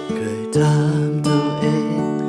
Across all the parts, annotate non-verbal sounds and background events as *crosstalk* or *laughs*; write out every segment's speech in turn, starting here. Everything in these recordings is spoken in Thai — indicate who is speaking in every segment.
Speaker 1: เคยถามตัวเองทุกวัน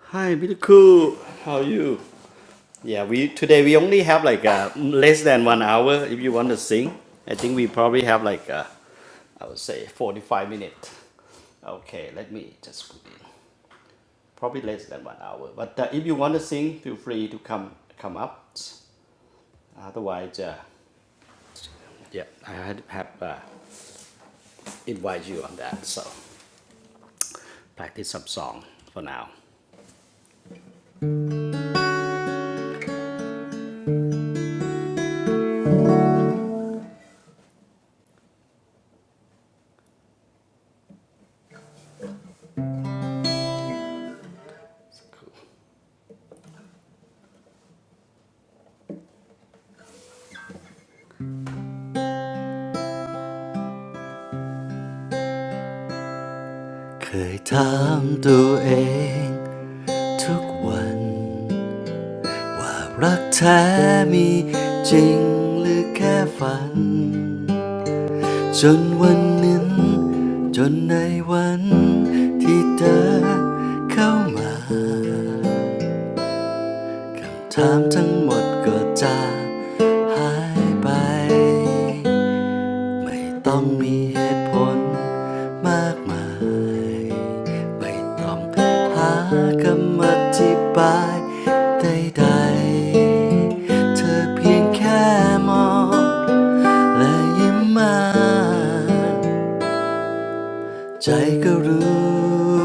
Speaker 1: Hi beautiful how are you Yeah we today we only have like uh, less than one hour if you want to sing I think we probably have like uh, I would say 45 minutes Okay let me just put this probably less than one hour. But uh, if you want to sing, feel free to come come up. Otherwise, uh, yeah, I had have uh, invite you on that. So practice some song for now. เคยถามตัวเองทุกวันว่ารักแท้มีจริงหรือแค่ฝันจนวันนั้นจนในวันที่เธอเข้ามา คำถามทั้งหมดก็จะหายไปไม่ต้องมีเหตุผลมากมายไม่ต้องหาคำอธิบายใดๆเธอเพียงแค่มองและยิ้มมา ใจก็รู้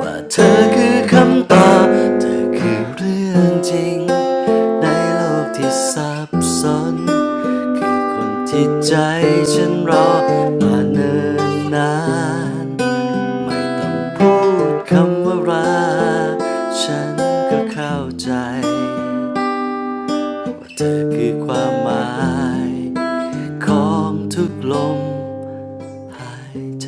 Speaker 1: ว่าเธอคือคำตอบเธอคือเรื่องจริงในโลกที่ซับซ้อนคือคนที่ใจฉันรอมาเนิ่นนานไม่ต้องพูดคำว่าราฉันก็เข้าใจว่าเธอคือความหมายของทุกลมหายใจ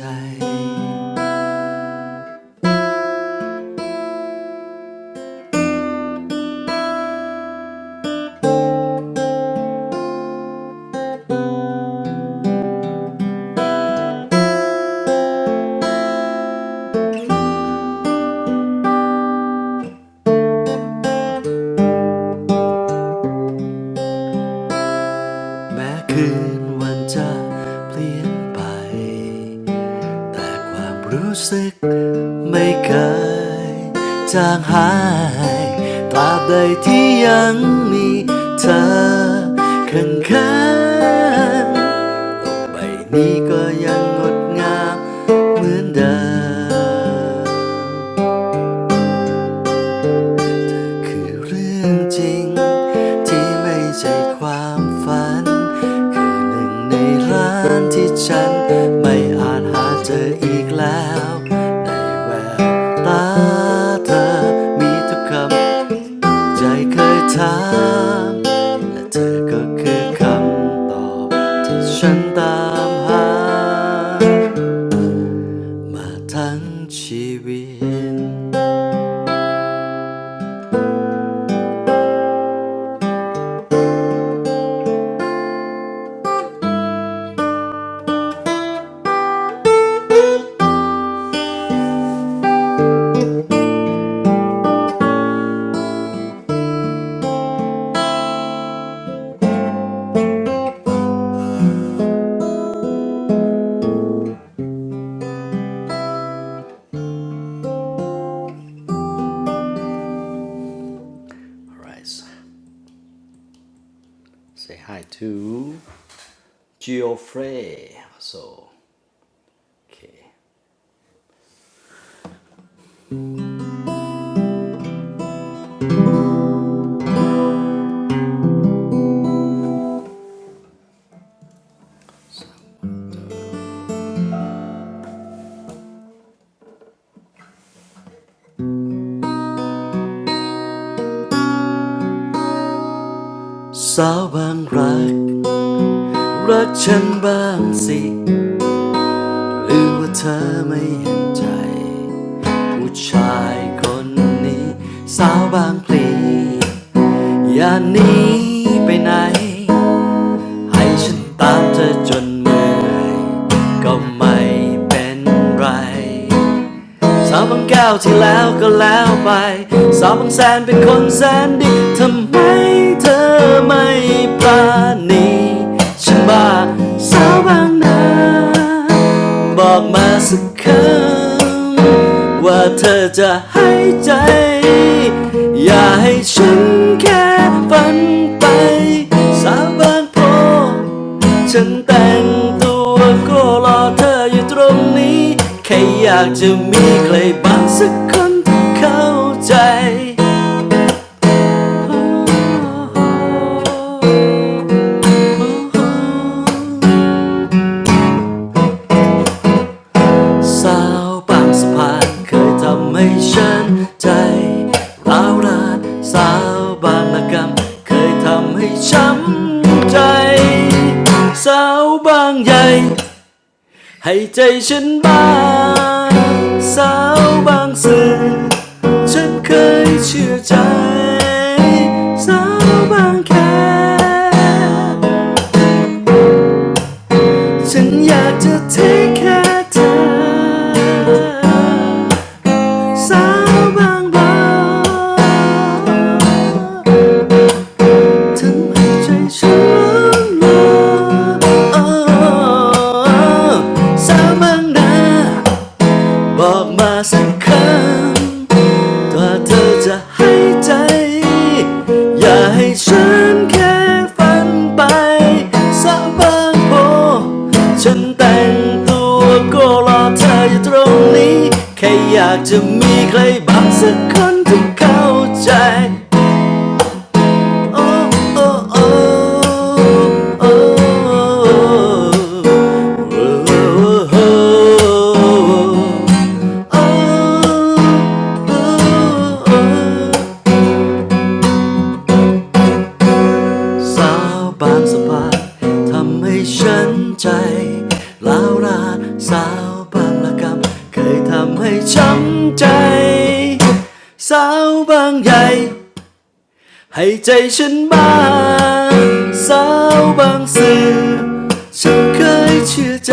Speaker 1: แม้คืนวันจะเปลี่ยนไป แต่ความรู้สึกไม่เคยจางหายตราบใดที่ยังมีเธอข้าง้างๆใบนี้ก็ยังงดงามเหมือนเดิม คือเรื่องจริงที่ไม่ใช่ความฝันคือหนึ่งในร้านที่ฉันไม่อาจหาเจออีกแล้วในแววตาเธอมีทุกคำใจเคยถามและเธอก็คือคำตอบที่ฉันตามหามาทั้งชีวิต Right. Say hi to Geoffrey so โอเคสาวบางรักรักฉันบ้างสิหรือว่าเธอไม่เห็นใจผู้ชายคนนี้สาวบางพลีอย่าหนีไปไหนให้ฉันตามเธอจนเมื่อยก็ไม่เป็นไร สาวบางแก้วที่แล้วก็แล้วไปสาวบางแสนเป็นคนแสนดีทำไมเธอไม่ปราณีฉันบ้าสาวบางนาบอกมาสักคำว่าเธอจะให้ใจอย่าให้ฉันแค่ฝันไปสาวบางโพ ฉันแต่งตัวก็รอเธออยู่ตรงนี้แค่อยากจะมีใครบางสักคนที่เข้าใจสาวบางสะพานเคยทำให้ฉันใจร้าวรานสาวบางระกำเคยทำให้ช้ำใจสาวบางใหญ่ ให้ใจฉันบ้างสาวบางสื่อฉันเคยเชื่อใจสาวบางแคฉันอยากจะเทแค่เธอสาวบางบางทำให้ใจฉันหลอยสาวบางนา บอกมาสักครั้งว่าเธอจะให้ใจอย่าให้ฉันแค่ฝันไปสะบางโพฉันแต่งตัวก็รอเธออยู่ตรงนี้แค่อยากจะมีใครบางสักคนที่เข้าใจ โอ้โสาวบางสาทำให้ฉันใจล้าวลาสาวบางละกำเคยทำให้ช้ำใจสาวบางใหญ่ ให้ใจฉันบ้างสาวบางสื่อฉันเคยเชื่อใจ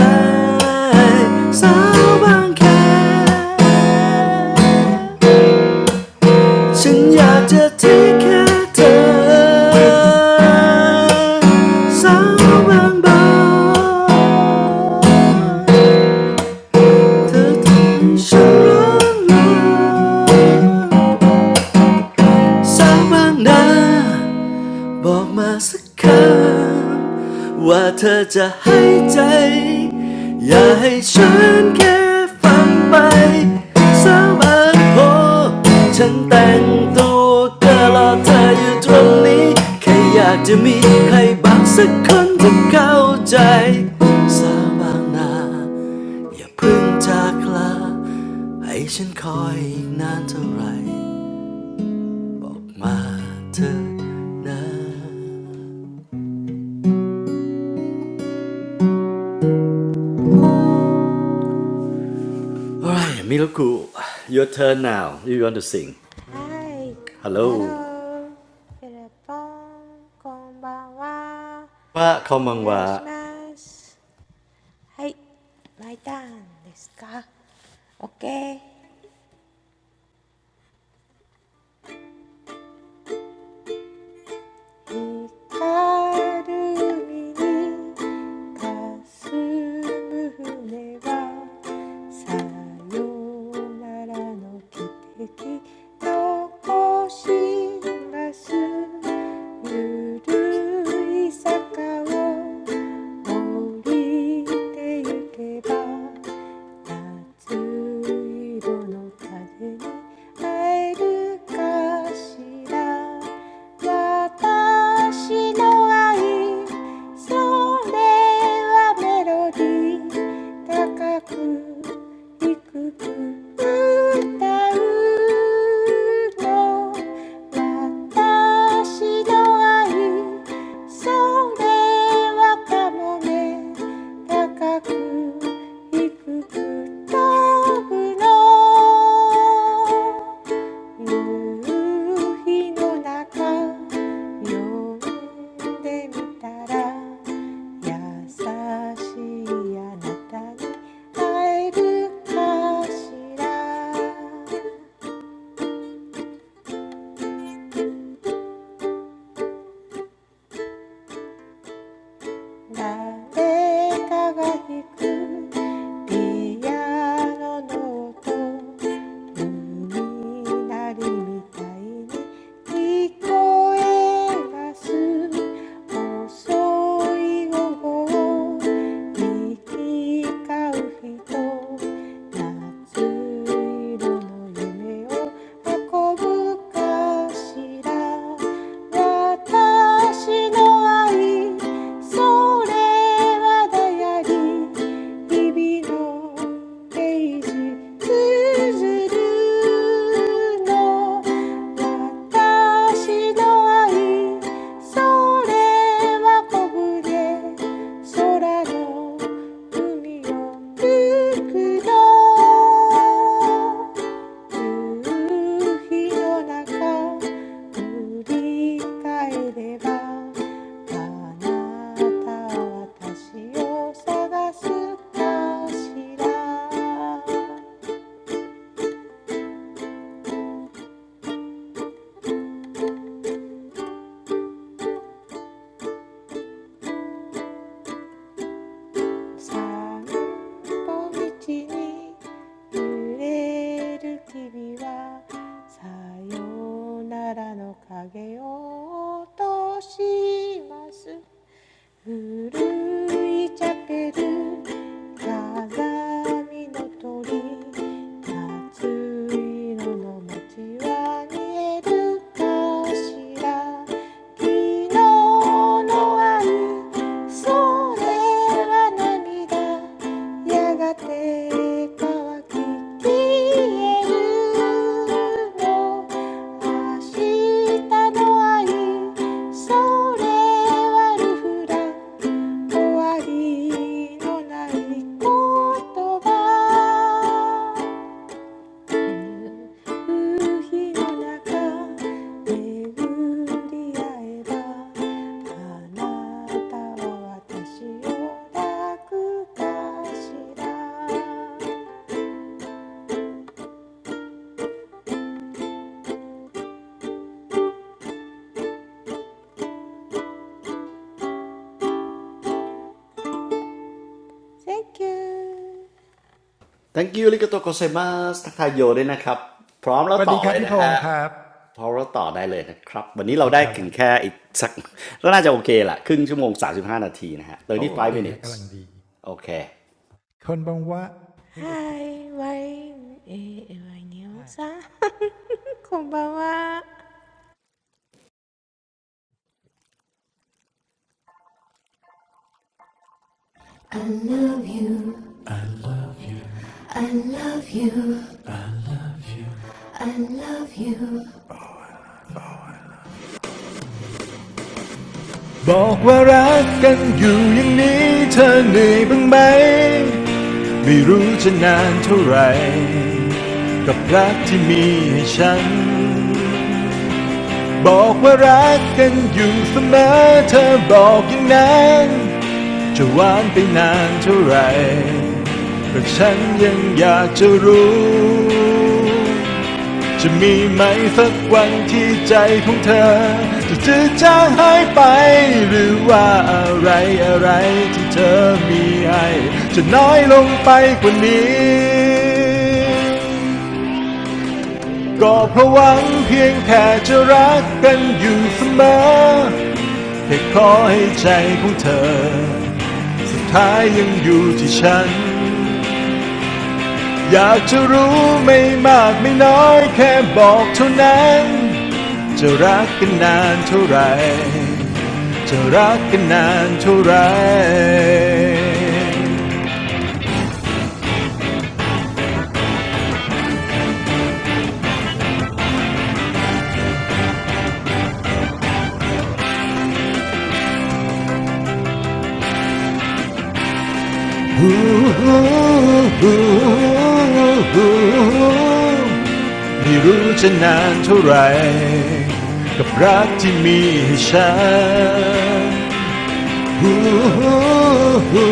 Speaker 1: สาวบางแคฉันอยากจะที่แค่เธอสาวบางบางเธอทำให้ฉันร้อง้สาวบางนา บอกมาสักคำว่าเธอจะให้ใจอย่าให้ฉันแค่ฟังไปสามอันพอฉันแต่งตัวก็รอเธออยู่ตรงนี้แค่อยากจะมีใครบางสักคนที่เข้าใจสาบางนาอย่าเพึ่งจากลาให้ฉันคอยอีกนานเท่าไหร่บอกมาเธอนะ Alright, Miroku, your turn now. You want to sing.
Speaker 2: はい、
Speaker 1: Hello.
Speaker 2: ハロー、ィルポン、こんばんは。
Speaker 1: ว่าคอ
Speaker 2: お
Speaker 1: มังว a
Speaker 2: 願いします。はい、マイターンですか。オッケー。光る海にすむ船はさよならの汽笛残しますゆるい坂を降り生ていけば熱色の風に会えるかしら私の愛それはメロディー高くいく歌うの私の愛それはかもね高くいく飛ぶの夕日の中呼んでみたら優しいあなたに会えるかしら誰かが弾くピアノの音海なりみたいに聞こえます遅い午後行き交う人夏色の夢を運ぶかしら私の愛それはだやりリ日々のページつづるの私の愛それは小舟空の海を吹くの夕日の中振り返ればあなたは私を探すかしら散歩道に揺れる君はさよならの影を落とします古いチャペル鏡の鳥夏色の街は見えるかしら昨日の雨それは涙やがて乾き消えるの明日の愛それはルフラ終わりのない言葉夕日の中巡り合えばあなたは私を抱くかしら Thank you
Speaker 1: Thank you ริกาโตโกเซม s สทักทายโยด้วยนะครับพร้อมแล้วต่อเลยนะฮะพร้อมแล้วต่อได้เลยนะครับวันนี้เราได้ถึงแค่อีกสักก็น่าจะโอเคละครึ่งชั่วโมง35นาทีนะฮะ v 5 minutes โอเค
Speaker 2: Hi ワインえーワイネオさんこんばんは
Speaker 3: I love you, I love you. บอกว่ารักกันอยู่อย่างนี้เธอเหนื่อยบ้างไหมไม่รู้จะนานเท่าไหร่กับรักที่มีให้ฉันบอกว่ารักกันอยู่เสมอเธอบอกอย่างนั้นจะหวานไปนานเท่าไหร่แต่ฉันยังอยากจะรู้ จะมีไหมสักวันที่ใจของเธอจะจืดจางหายไปหรือว่าอะไรอะไรที่เธอมีให้จะน้อยลงไปกว่านี้ก็เพราะหวังเพียงแค่จะรักกันอยู่เสมอแค่ขอให้ใจของเธอสุดท้ายยังอยู่ที่ฉัน อยากจะรู้ไม่มากไม่น้อยแค่บอกเท่านั้นจะรักกันนานเท่าไรจะรักกันนานเท่าไรฮู้ฮูไม่รู้จะนานเท่าไรกับรักที่มีให้ฉัน *laughs* ฮู้ฮู้ฮู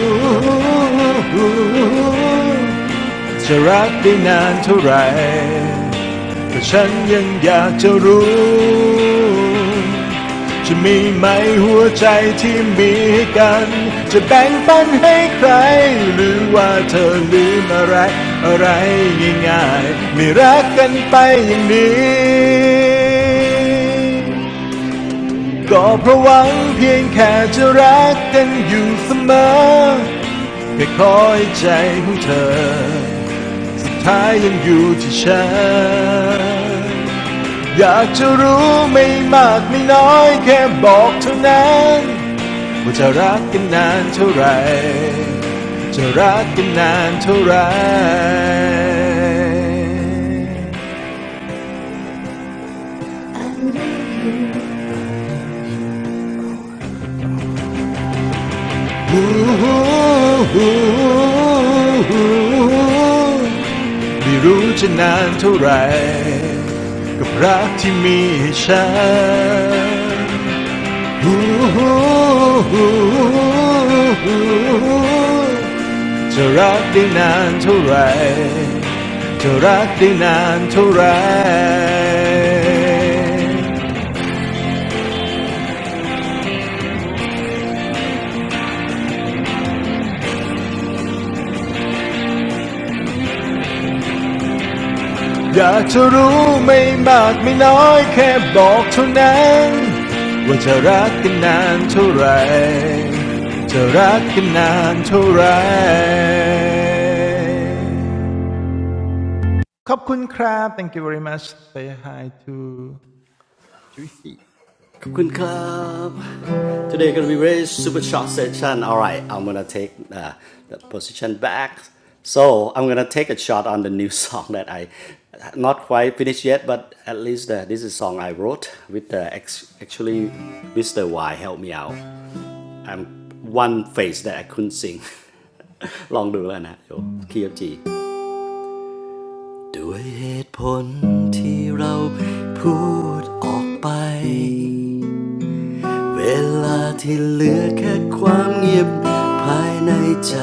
Speaker 3: จะรักได้นานเท่าไหร่แต่ฉันยังอยากจะรู้ จะมีไหมหัวใจที่มีให้กัน จะแบ่งปันให้ใคร หรือว่าเธอลืมอะไร อะไรง่ายๆไม่รักกันไปอย่างนี้ ก็เพราะหวังเพียงแค่จะรักกันอยู่เสมอแค่คอยใจของเธอ ท้ายยังอยู่ที่ฉันอยากจะรู้ไม่มากไม่น้อยแค่บอกเท่านั้นว่าจะรักกันนานเท่าไหร่จะรักกันนานเท่าไหร่ไม่รู้จะนานเท่าไหร่กับรักที่มีให้ฉัน จะรักได้นานเท่าไหรจะรักได้นานเท่าไหรอยากจะรู้ไม่มากไม่น้อยแค่บอกเท่านั้นว่าจะรักกันนานเท่าไหรจะรักกันนานเท่าไร
Speaker 1: ขอบคุณครับ Today gonna be very super short session. All right, I'm gonna take uh, the position back. So I'm gonna take a shot on the new *laughs* song that I not quite finished yet, but at least uh, this is song I wrote with the actually Mr. Y help me out. I'm one phrase that I couldn't sing. *laughs* ลองดูแล้วนะเดี๋ยวคีย์จีด้วยเหตุผลที่เราพูดออกไป เวลาที่เหลือแค่ความเงียบภายในใจ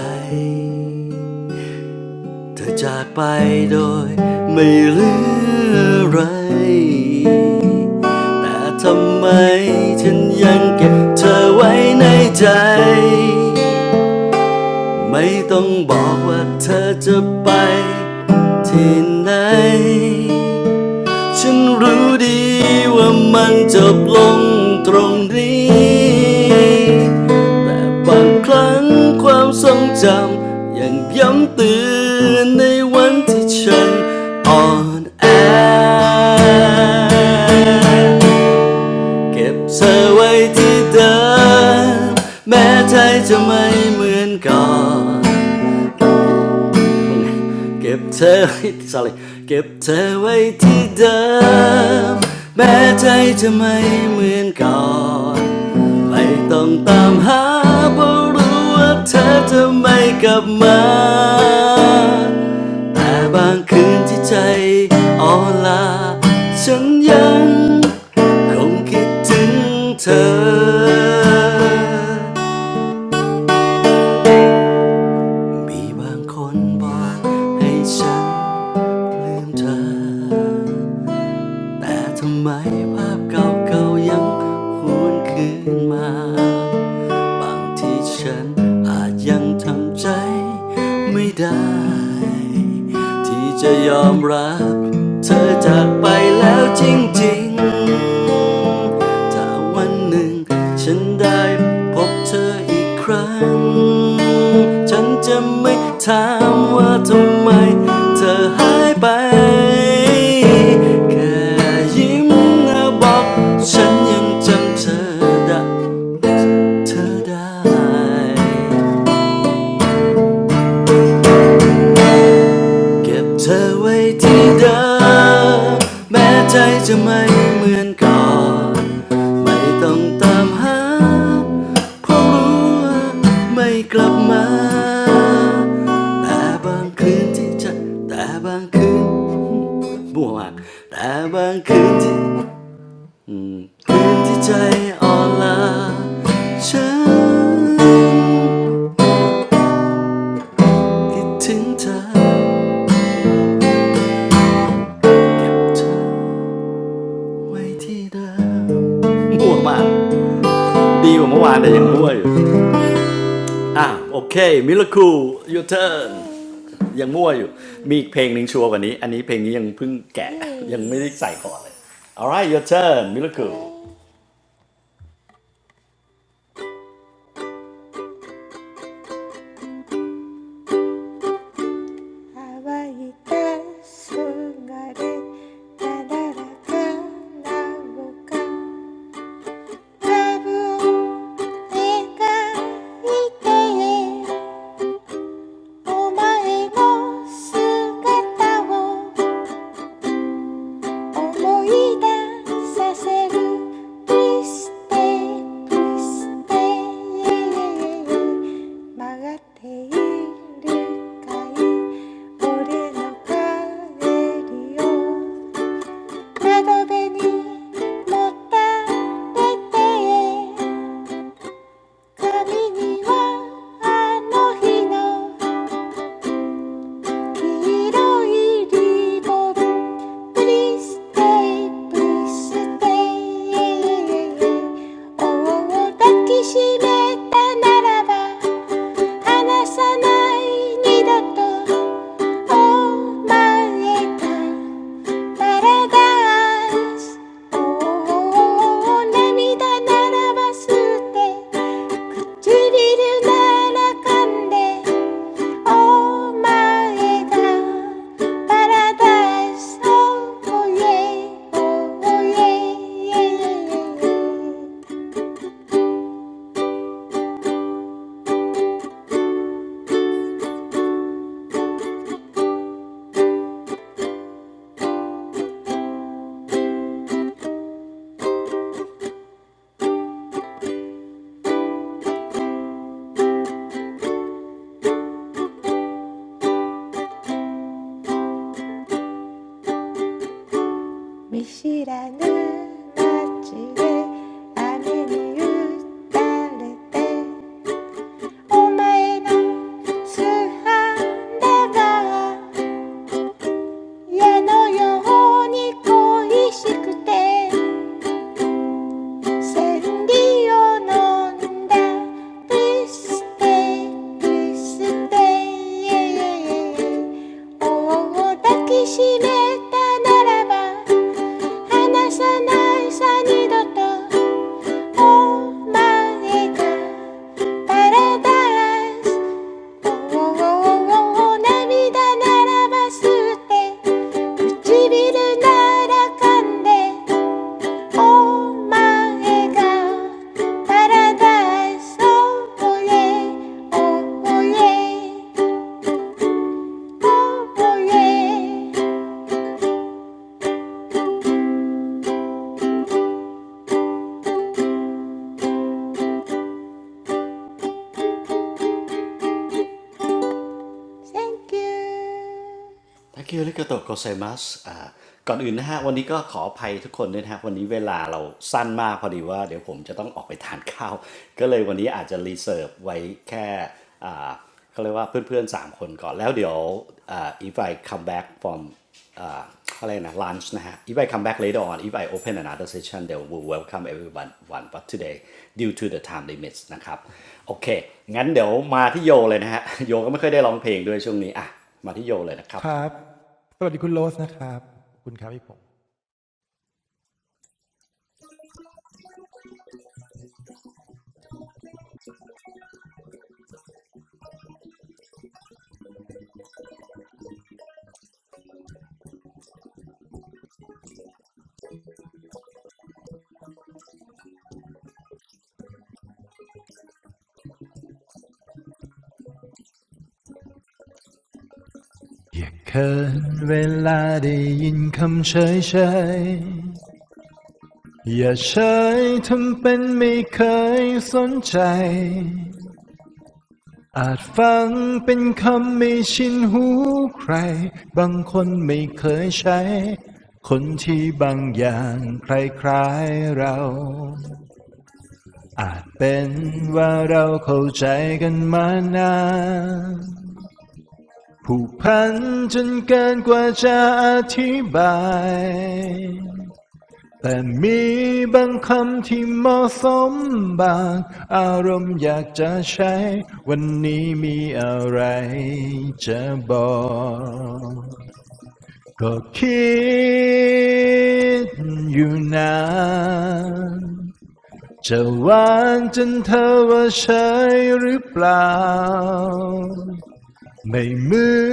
Speaker 1: เธอจากไปโดยไม่เหลืออะไร แต่ทำไมฉันยังเก็บเธอไว้ในใจไม่ต้องบอกว่าเธอจะไปที่ไหน ฉันรู้ดีว่ามันจบลงตรงนี้ แต่บางครั้งความทรงจำยังย้ำเตือนในวันที่ฉันอ่อนแอเก็บเธอไว้ที่เดิมแม้ใจจะไม่เหมือนก่อน มึงเก็บเธอไว้ sorry เก็บเธอไว้ที่เดิมแม้ใจจะไม่เหมือนก่อนไม่ต้องตามหาเพราะรู้ว่าเธอจะไม่กลับมาแต่บางคืนที่ใจอ่อนลาฉันยังคงคิดถึงเธอ มีบางคนบอกให้ฉันลืมเธอ แต่ทำไมภาพเก่าๆยังหวนคืนมา บางทีฉันอาจยังทำใจไม่ได้ที่จะยอมรับเธอจากไปแล้วจริงๆถ้าวันหนึ่งฉันได้พบเธออีกครั้งฉันจะไม่ถามว่าทำไมเธอหายไปแค่ยิ้มนะบอกฉันยังจำเธอได้ เธอได้เก็บเธอไว้ที่เดิมแม้ใจจะไม่เหมือนก่อนไม่ต้องตามหาเพราะรู้ว่าไม่กลับมาแต่บางคืนที่ใจแต่บางคืนบัวมากแต่บางคืนที่คืนที่ใจอ่อนล้าฉันคิดถึงเธอเก็บเธอ ไว้ที่เดิมม่วมาก ดีกว่าเมื่อวานแต่ยังมั่วอยู่ อ่ะโอเคมิลคูยู
Speaker 2: は
Speaker 1: เทิร์น
Speaker 2: いイ
Speaker 1: ยังมั่ว
Speaker 2: エ
Speaker 1: อยู่มีอีกเพลงหนึ่งชัวร์กว่านี้อันนี้เพลงนี้ยังเพิ่งแกะยั
Speaker 2: ー
Speaker 1: ง
Speaker 2: イ
Speaker 1: ไม่ได้ใส่ก่อนเลย alright your turn miracle
Speaker 2: OK 乾いたすがれなだらかな五感多分描いてお前の姿を思い出させるプリステプリステ曲がっているかい俺の帰りを窓辺にもたれて髪にはあの日の黄色いリボンプリステイプリステイを抱きしめたならば離さない二度とお前た p a r a d おー涙ならば捨て唇なら噛んでお前がパラダイスをイエおイ見知らぬ街で雨に打たれてお前の素肌が矢のように恋しくて千里を飲んだプリステプリステ王を抱きしめたならば離さないさ二度とお前がパラダスおおおお涙ならばって唇なら噛んでおえがパラダイスおおえおおえおお Thank you
Speaker 1: ทักคิวริโกโตะโกไซมัสอ่าก่อนอื่นนะฮะวันนี้ก็ขออภัยทุกคนด้วยนะฮะวันนี้เวลาเราสั้นมากพอดีว่าเดี๋ยวผมจะต้องออกไปทานข้าวก็เลยวันนี้อาจจะรีเซิร์ฟไว้แค่อ่าเขาเรียกว่าเพื่อนๆ3คนก่อนแล้วเดี๋ยวอ่า if I come back from อ่าอะไรนะ lunch นะฮะ if I come back later on if I open another session they will welcome everyone one but today due to the time limits นะครับโอเคงั้นเดี๋ยวมาที่โยเลยนะฮะโยก็ไม่ค่อยได้ร้องเพลงด้วยช่วงนี้อ่ะมาที่โยเลยนะครับ
Speaker 3: อย่าเขินเวลาได้ยินคำเฉยเฉยๆอย่าเฉยทำเป็นไม่เคยสนใจอาจฟังเป็นคำไม่ชินหูใครบางคนไม่เคยใช้คนที่บางอย่างคล้ายๆเราอาจเป็นว่าเราเข้าใจกันมานาน ผูกพันจนเกินกว่าจะอธิบาย แต่มีบางคำที่เหมาะสมบางอารมณ์อยากจะใช้ วันนี้มีอะไรจะบอก ก็คิดอยู่นาน จะหวานจนเธอว่าใชยหรือเปล่า ไม่เหมือ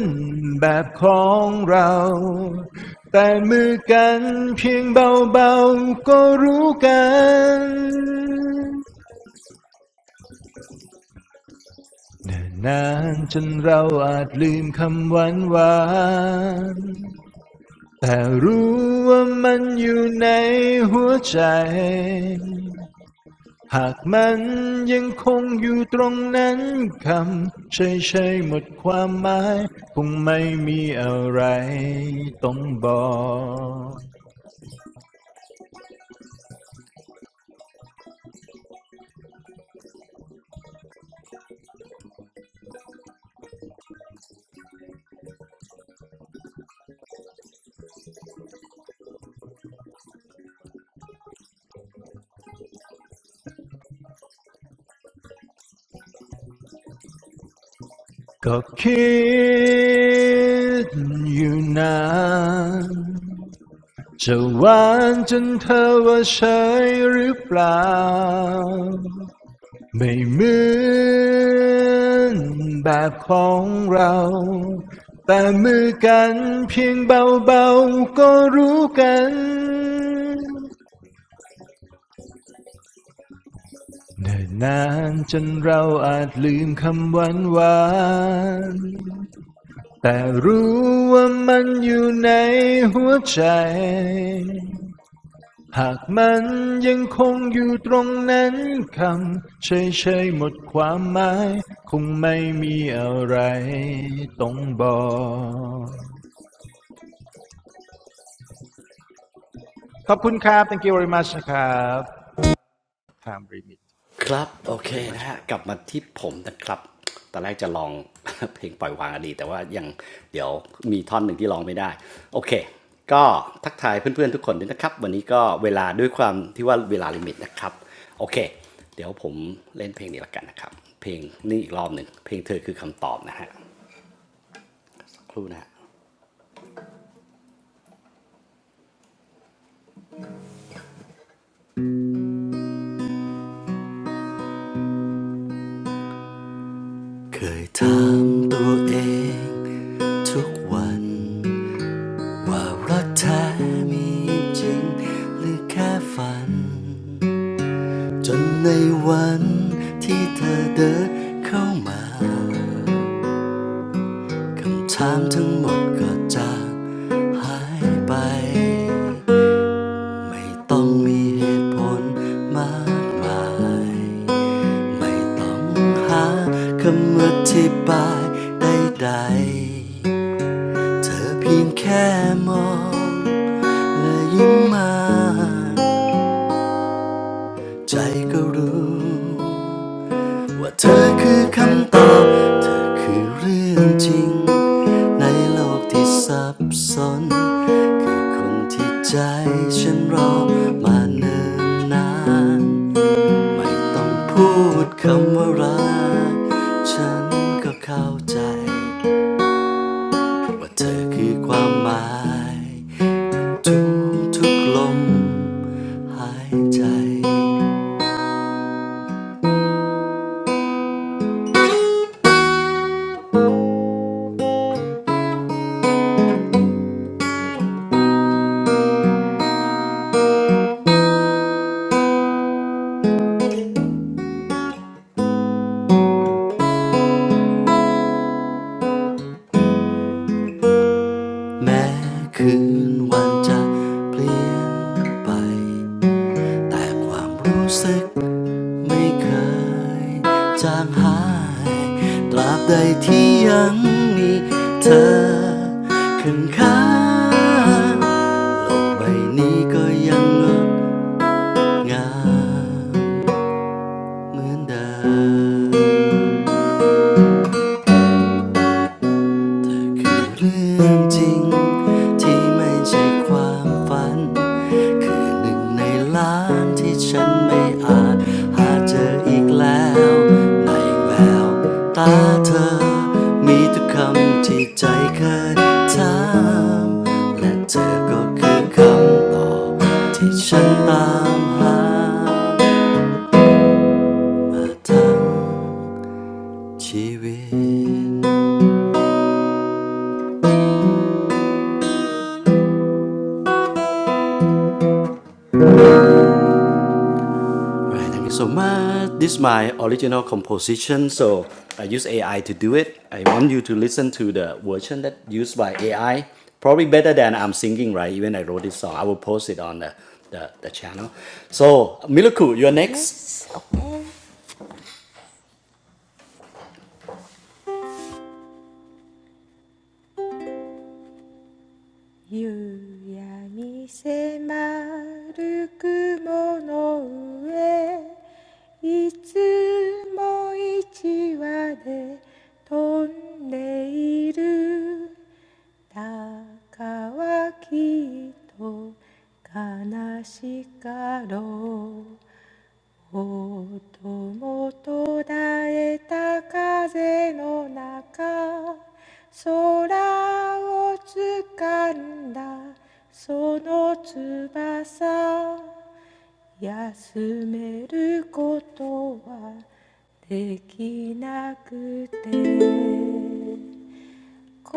Speaker 3: นแบบของเราแต่มือกันเพียงเบาๆก็รู้กันน่นนานจนเราอาจลืมคำหวานหวานแต่รู้ว่ามันอยู่ในหัวใจ หากมันยังคงอยู่ตรงนั้นคำเฉยๆหมดความหมายคงไม่มีอะไรต้องบอกก็คิดอยู่นานจะหวานจนเธอว่าเฉยหรือเปล่า ไม่เหมือนแบบของเรา แต่มือกันเพียงเบาๆก็รู้กันเนิ่นนานจนเราอาจลืมคำหวานหวานๆ แต่รู้ว่ามันอยู่ในหัวใจ หากมันยังคงอยู่ตรงนั้นคำเฉยๆหมดความหมายคงไม่มีอะไรต้องบอกขอบคุณครับ thank you very much นะครับ time limit โอ
Speaker 1: ค
Speaker 3: เค
Speaker 1: รับโอ
Speaker 3: thank you
Speaker 1: เค
Speaker 3: very much
Speaker 1: นะ
Speaker 3: ค
Speaker 1: ฮะ
Speaker 3: รับ
Speaker 1: กลับมาที่ผมนะครับตอนแรกจะลอง *laughs* เพลงปล่อยวางอดีตแต่ว่ายังเดี๋ยวมีท่อนหนึ่งที่ร้องไม่ได้โอเคก็ทักทายเพื่อนๆทุกคนด้วยนะครับวันนี้ก็เวลาด้วยความที่ว่าเวลาลิมิตนะครับโอเคเดี๋ยวผมเล่นเพลงนี้ละกันนะครับเพลงนี้อีกรอบหนึ่งเพลงเธอคือคำตอบนะฮะครู่นะฮะเคยถามตัวเองทุกวันว่ารักแท้มีจริงหรือแค่ฝัน จนในวันที่เธอเดินเข้ามาคำถามทั้งหมดก็จาหายไปไม่ต้องมีเหตุผลมากมายไม่ต้องหาคำอธิบายใดๆเธอเพียงแค่มองและยิ้มมาใจก็รู้ ว่าเธอคือคำตอบเธอคือเรื่องจริงในโลกที่ซับซ้อนคือคนที่ใจฉันรอมาเนิ่นนานไม่ต้องพูดคำว่ารักฉันก็เข้าใจว่าเธอคือความหมายทุกทุกลมหายใจแม้คืนวันจะเปลี่ยนไป แต่ความรู้สึกไม่เคยจางหายตราบใดที่ยังมีเธอขึ้นข้างโลกใบนี้ก็ยังงดงามเหมือนเดิม คือเรื่องจริงที่ไม่ใช่ความฝันคือหนึ่งในล้านที่ฉันไม่อาจหาเจออีกแล้วในแววตาเธอมีทุกคำที่ใจเคยถามและเธอก็คือคำตอบที่ฉันตามหามาทั้งชีวิต Right, thank you so much. This is my original composition. I use เอไอ to do it I want you to listen
Speaker 2: Yes, okay 夕闇迫る雲の上いつも一羽で飛んでいる鷹はきっと悲しかろうもともと絶えた風の中空を掴んだその翼休めることはできなくて心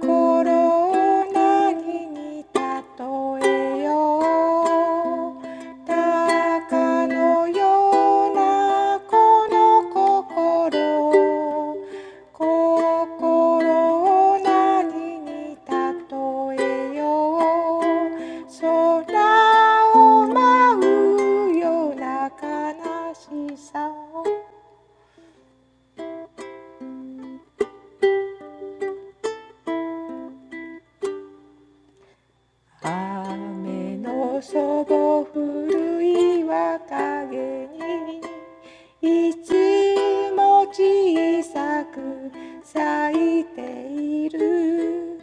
Speaker 2: を何に例えよう鷹のようなこの心心を何に例えよう空を舞うような悲しさを雨のそぼ降る岩陰にいつも小さく咲いている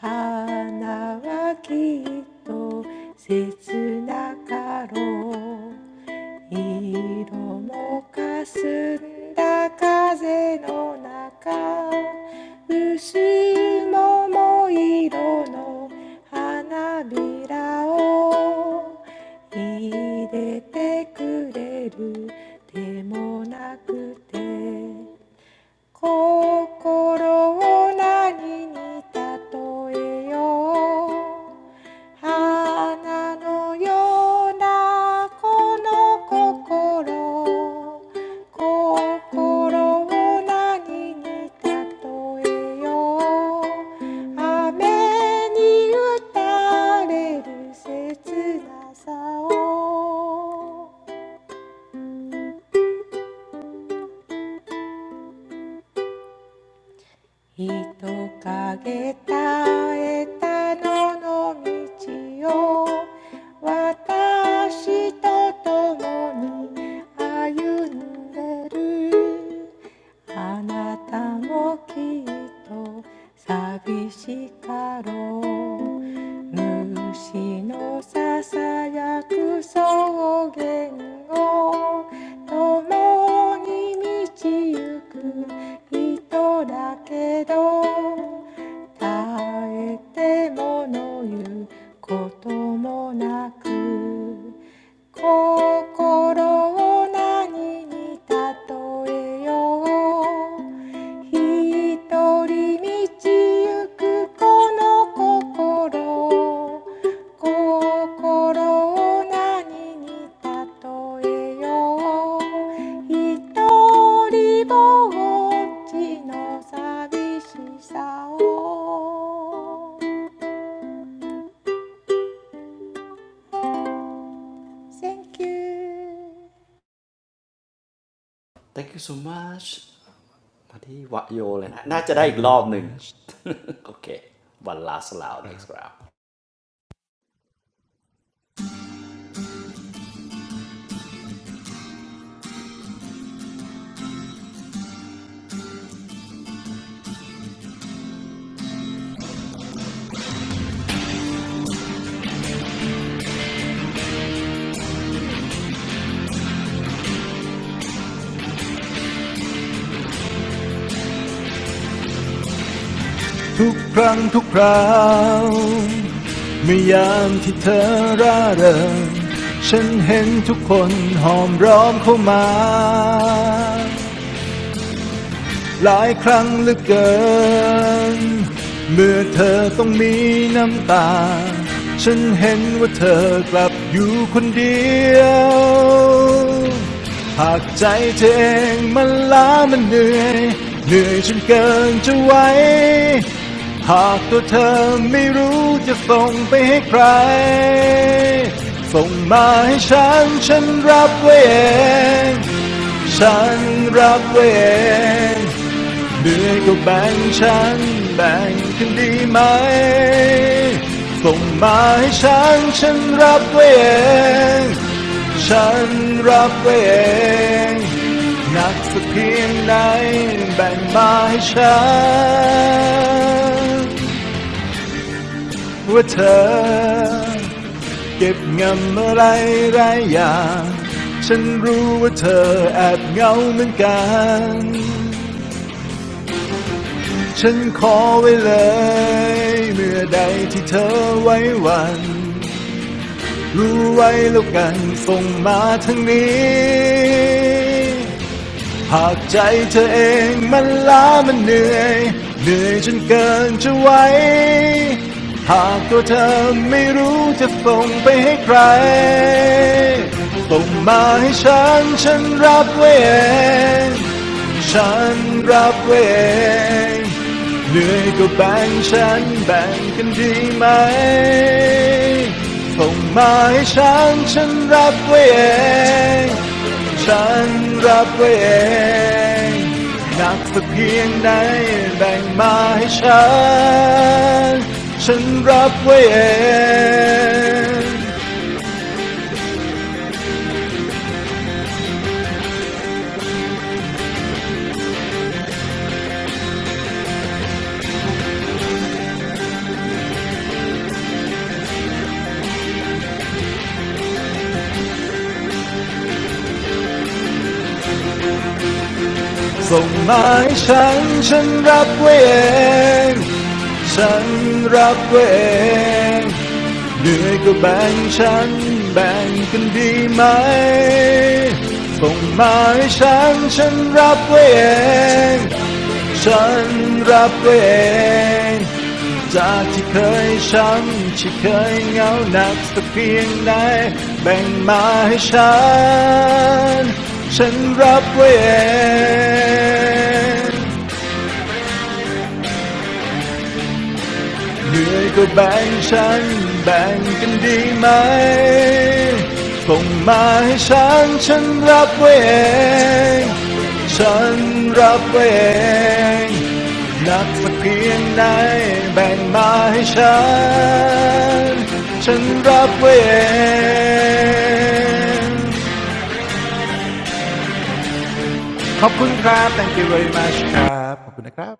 Speaker 2: 花はきっと切なかろう色もかすんだ風の中薄桃色の花びらを入れてくれるでもなくて心を何に例えよう花のようなこの心心を何に例えよう雨に打たれる切なさを人影絶えたのの道を私と共に歩んでるあなたもきっと寂しかろう虫のささやく草原を共に道行く人だけど耐えてもの言うこともなく心を何に例えよう一人道行くこの心心を何に例えよう一人ぼっちの寂しさを Thank you
Speaker 3: thank you very much ทุกครั้งทุกคราวเมื่อยามที่เธอร่าเริงฉันเห็นทุกคนหอมร้อมเข้ามา หลายครั้งเหลือเกิน เมื่อเธอต้องมีน้ำตา ฉันเห็นว่าเธอกลับอยู่คนเดียว หากใจเธอเองมันล้ามันเหนื่อย เหนื่อยจนเกินจะไหวหากตัวเธอไม่รู้จะส่งไปให้ใคร ส่งมาให้ฉันฉันรับไว้เอง ฉันรับไว้เองเหนื่อยก็แบ่งฉันแบ่งกันดีไหมส่งมาให้ฉันฉันรับไว้เอง ฉันรับไว้เองหนักสักเพียงไหนแบ่งมาให้ฉันว่าเธอ เก็บงำอะไรหลายอย่างฉันรู้ว่าเธอแอบเหงาเหมือนกันฉันขอไว้เลยเมื่อใดที่เธอไว้วันรู้ไว้แล้วกันส่งมาทางนี้ หากใจเธอเองมันล้ามันเหนื่อยเหนื่อยจนเกินจะไหวหากตัวเธอไม่รู้จะส่งไปให้ใครส่งมาให้ฉันฉันรับไว้เอง ฉันรับไว้เอง เหนื่อยก็แบ่งฉันแบ่งกันดีไหมส่งมาให้ฉันฉันรับไว้เอง ฉันรับไว้เองหนักสักเพียงไหนแบ่งมาให้ฉันฉันรับไว้เอง ส่งมาให้ฉันฉันรับไว้เอง ฉันรับไว้เองเหนื่อยก็แบ่งฉันแบ่งกันดีไหม ส่งมาให้ฉันฉันรับไว้เอง ฉันรับตัวเอง จากที่เคยช้ำที่เคยเหงาหนักสักเพียงไหนแบ่งมาให้ฉันฉันรับตัวเอง เหนื่อยก็แบ่งฉันแบ่งกันดีไหมส่งมาให้ฉันฉันรับไว้เอง ฉันรับไว้เองหนักสักเพียงไหนแบ่งมาให้ฉันฉันรับไว้เอง ขอบคุณครับ thank you very much ครับขอบคุณนะครับ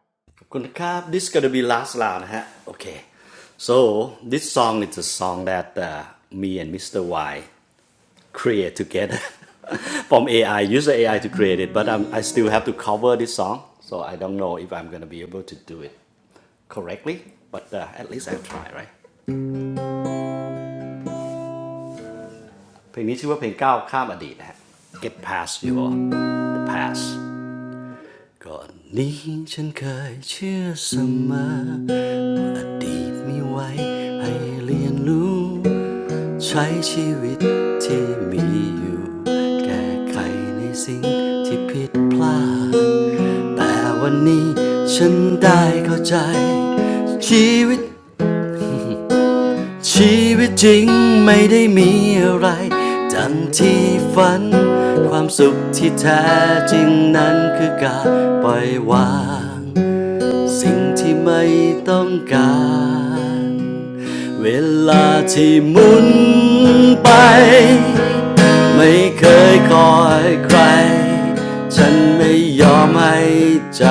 Speaker 1: ก่อนนี้ฉันเคยเชื่อเสมออดีตมีไว้ให้เรียนรู้ใช้ชีวิตที่มีอยู่แก้ไขในสิ่งที่ผิดพลาดแต่วันนี้ฉันได้เข้าใจชีวิต ชีวิตจริงไม่ได้มีอะไรดังที่ฝันความสุขที่แท้จริงนั้นคือการปล่อยวางสิ่งที่ไม่ต้องการเวลาที่หมุนไปไม่เคยคอยใครฉันไม่ยอมให้ใจ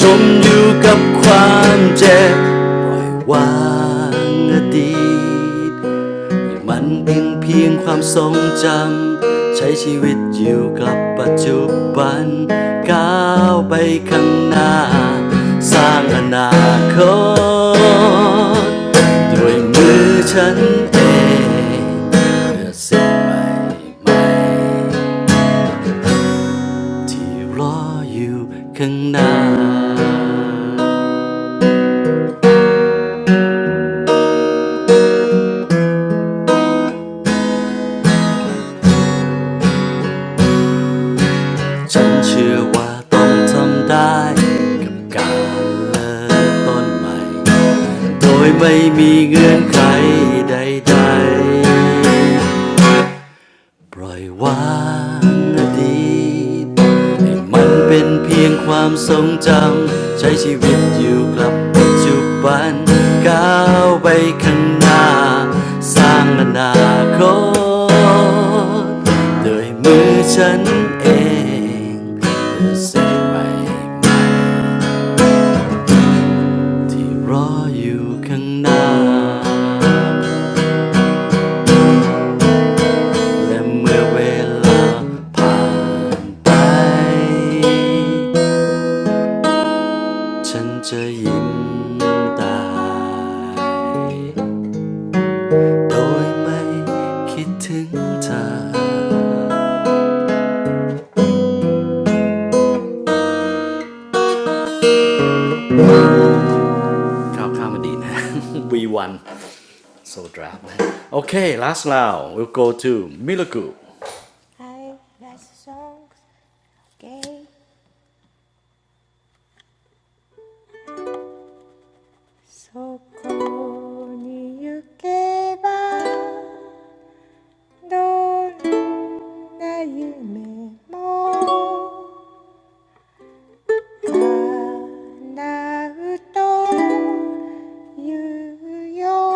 Speaker 1: จมอยู่กับความเจ็บปล่อยวางอดีตให้มันเป็นเพียงความทรงจำใช้ชีวิตอยู่กับปัจจุบันก้าวไปข้างหน้าสร้างอนาคตด้วยมือฉันเองเพื่อสิ่งใหม่ๆที่รออยู่ข้างหน้า ฉันเชื่อว่าต้องทำได้กับการเริ่มต้นใหม่โดยไม่มีเงื่อนไขใดๆ ปล่อยวางอดีตให้มันเป็นเพียงความทรงจำใช้ชีวิตอยู่กับปัจจุบันก้าวไปข้างหน้าสร้างอนาคตโดยมือฉันเองเพื่อเส่นใหม่ๆที่รออยู่ข้างหน้าและเมื่อเวลาผ่านไป ฉันจะยิ้มตายโดยไม่คิดถึงเธอ
Speaker 2: I like songs gay そこに行けばどんな夢も叶うと言うよ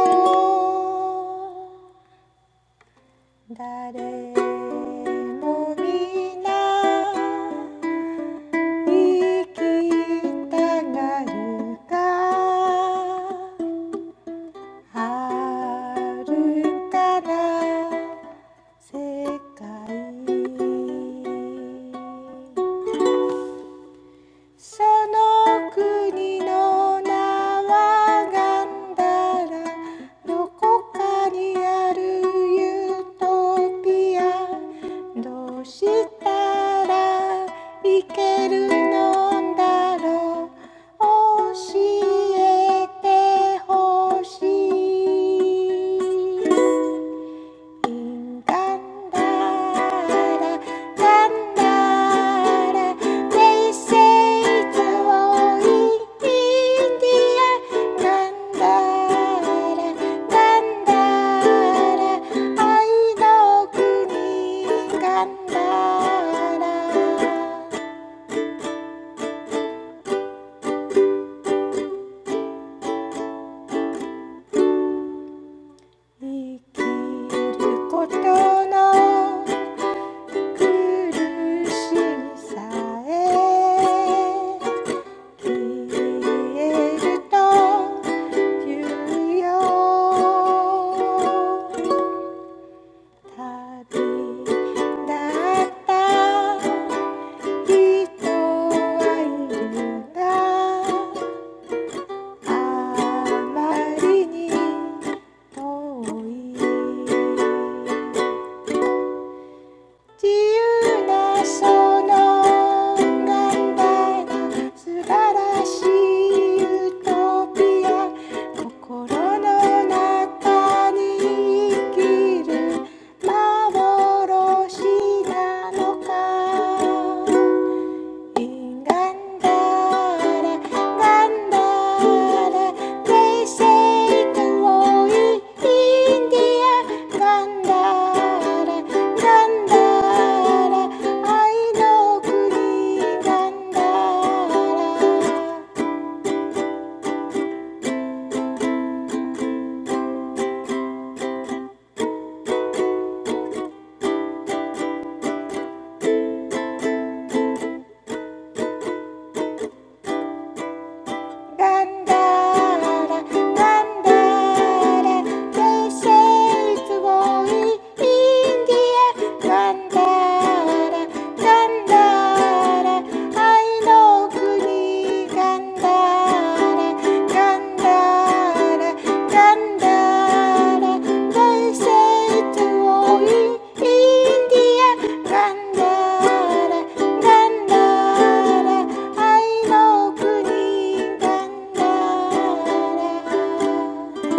Speaker 2: 誰もみんな生きたがるが遥るから世界その国の名はガンダラどこかにあるユートピアどうしたらいけるのだろう教えてほしい in ガンダラガンダラ they say to all in India ガンダラガンダラ愛の国ガンダラ生きることの苦しみさえ消えると言うよ旅だった人はいるだあまりに遠い自由なその考えが素晴らしいユートピア心の中に生きる幻なのかガンダラガンダラ平成と多いインディアガンダラガンダラ愛の国ガンダラガンダラガンダラ They say it's w a ンダ n d i a 愛の国なんだらなんガンダラ、ガンダラ、大西津をインディアンガンダラ、ガンダラ、愛の奥にガンダラ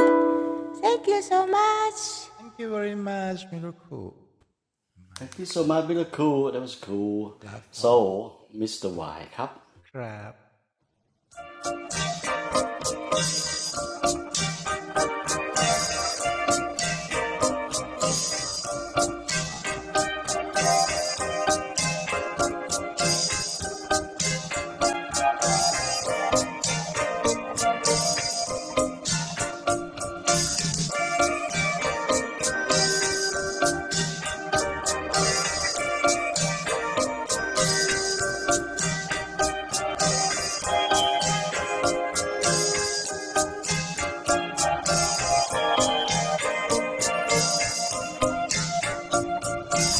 Speaker 2: Thank you so much
Speaker 3: thank you very much มิรุคุ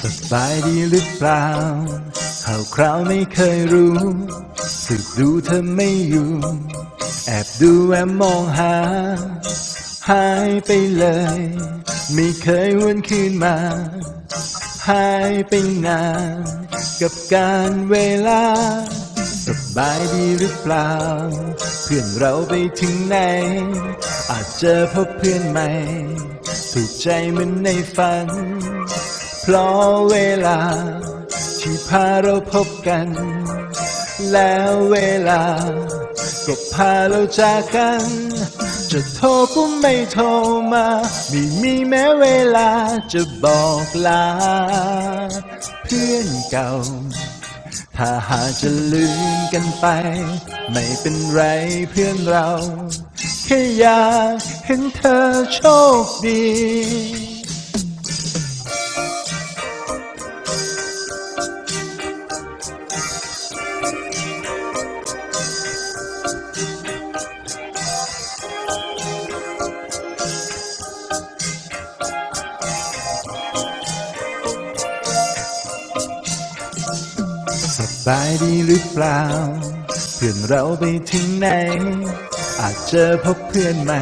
Speaker 3: สบายดีหรือเปล่าข่าวคราวไม่เคยรู้สึกดูเธอไม่อยู่แอบดูแอบมองหาหายไปเลยไม่เคยวนคืนมาหายไปนานกับการเวลาสบายดีหรือเปล่าเพื่อนเราไปถึงไหนอาจเจอพบเพื่อนใหม่ถูกใจเหมือนในฝัน เพราะเวลาที่พาเราพบกันแล้วเวลาก็พาเราจากกันจะโทรก็ไม่โทรมาไม่มีแม้เวลาจะบอกลาเพื่อนเก่าถ้าหากจะลืมกันไปไม่เป็นไรเพื่อนเราแค่อยากเห็นเธอโชคดี สบายดีหรือเปล่า เพื่อนเราไปถึงไหน อาจเจอพบเพื่อนใหม่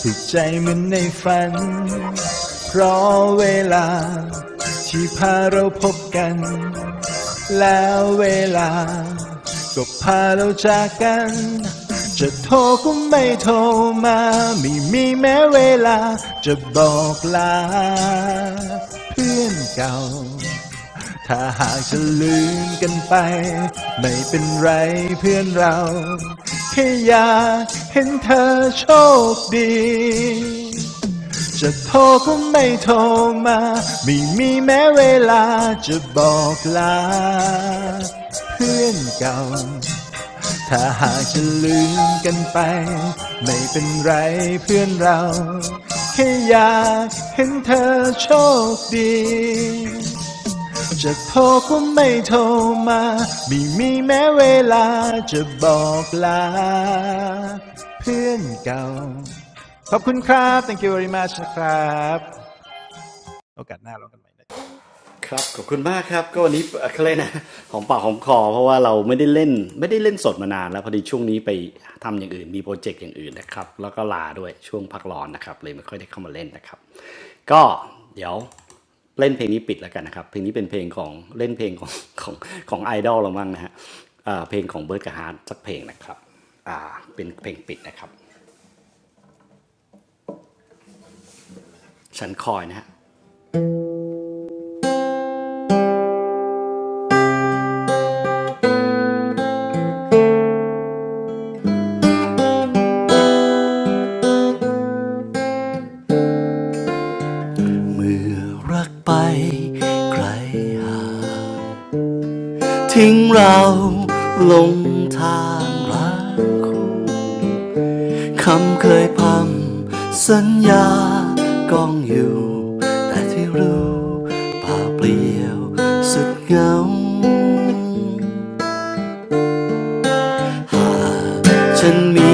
Speaker 3: ถูกใจเหมือนในฝัน เพราะเวลาที่พาเราพบกัน แล้วเวลาก็พาเราจากกัน จะโทรก็ไม่โทรมาไม่มีแม้เวลาจะบอกลาเพื่อนเก่า ถ้าหากจะลืมกันไปไม่เป็นไรเพื่อนเราแค่อยากเห็นเธอโชคดีจะโทรก็ไม่โทรมาไม่มีแม้เวลาจะบอกลาเพื่อนเก่าถ้าหากจะลืมกันไปไม่เป็นไรเพื่อนเราแค่อยากเห็นเธอโชคดี จะโทรก็ไม่โทรมาไม่มีแม้เวลาจะบอกลาเพื่อนเก่าขอบคุณครับ thank you very much นะครับโอกาสหน้าเรากันใหม่นะครับ
Speaker 1: เมื่อรักไปใครหางทิ้งเราลงทางรักคู่คำเคยพร่ำสัญญากองอยู่แต่ที่รู้ป่าเปลี่ยวสุดเหงา ฉันมี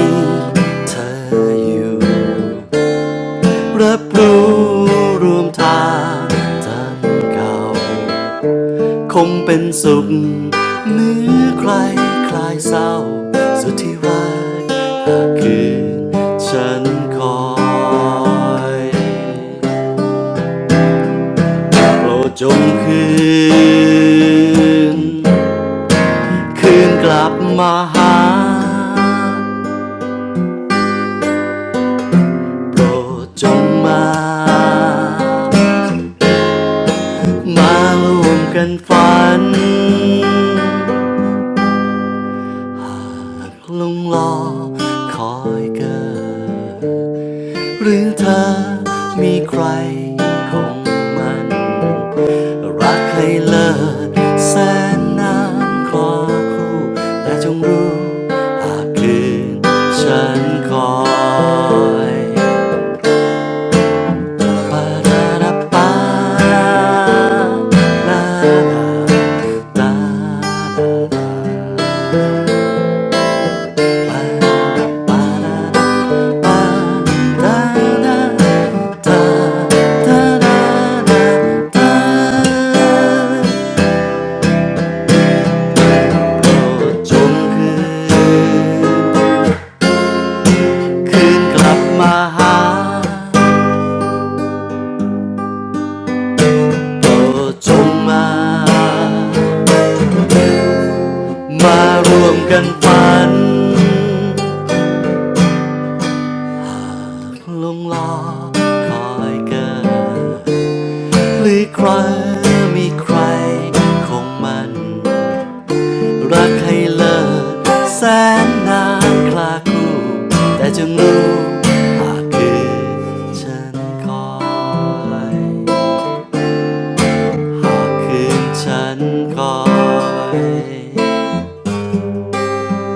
Speaker 1: เธออยู่รับรู้รวมทางทำงเก่าคงเป็นสุขเมื่อใครคลายเศร้าสุดที่รักหากคืนฉันคอยโปรดจงคืนคืนกลับมาหา โปรดจงมา มาร่วมกันฝันลงรอคอยเกิด หรือเธอมีใครคงมัน รักให้เลิศแสนนานคลอคู่แต่จงรู้หากคืนฉันคอย ปาราปาาปาปาาาาโดจงคืนคืนกลับมาหาโดจงมามาร่วมกันฝัน ลงรอคอยเกินหรือใครมีใครคงมันรักให้เลิศแสนนานคลาคู่แต่จงรู้หากคืนฉันคอยหากคืนฉันคอย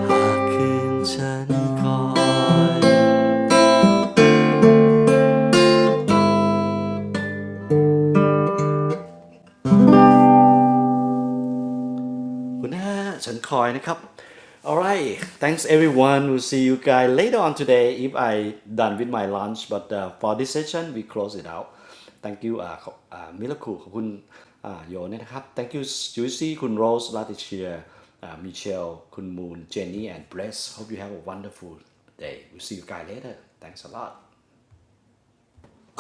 Speaker 1: หากคืนฉันคอย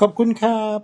Speaker 3: ขอบคุณครับ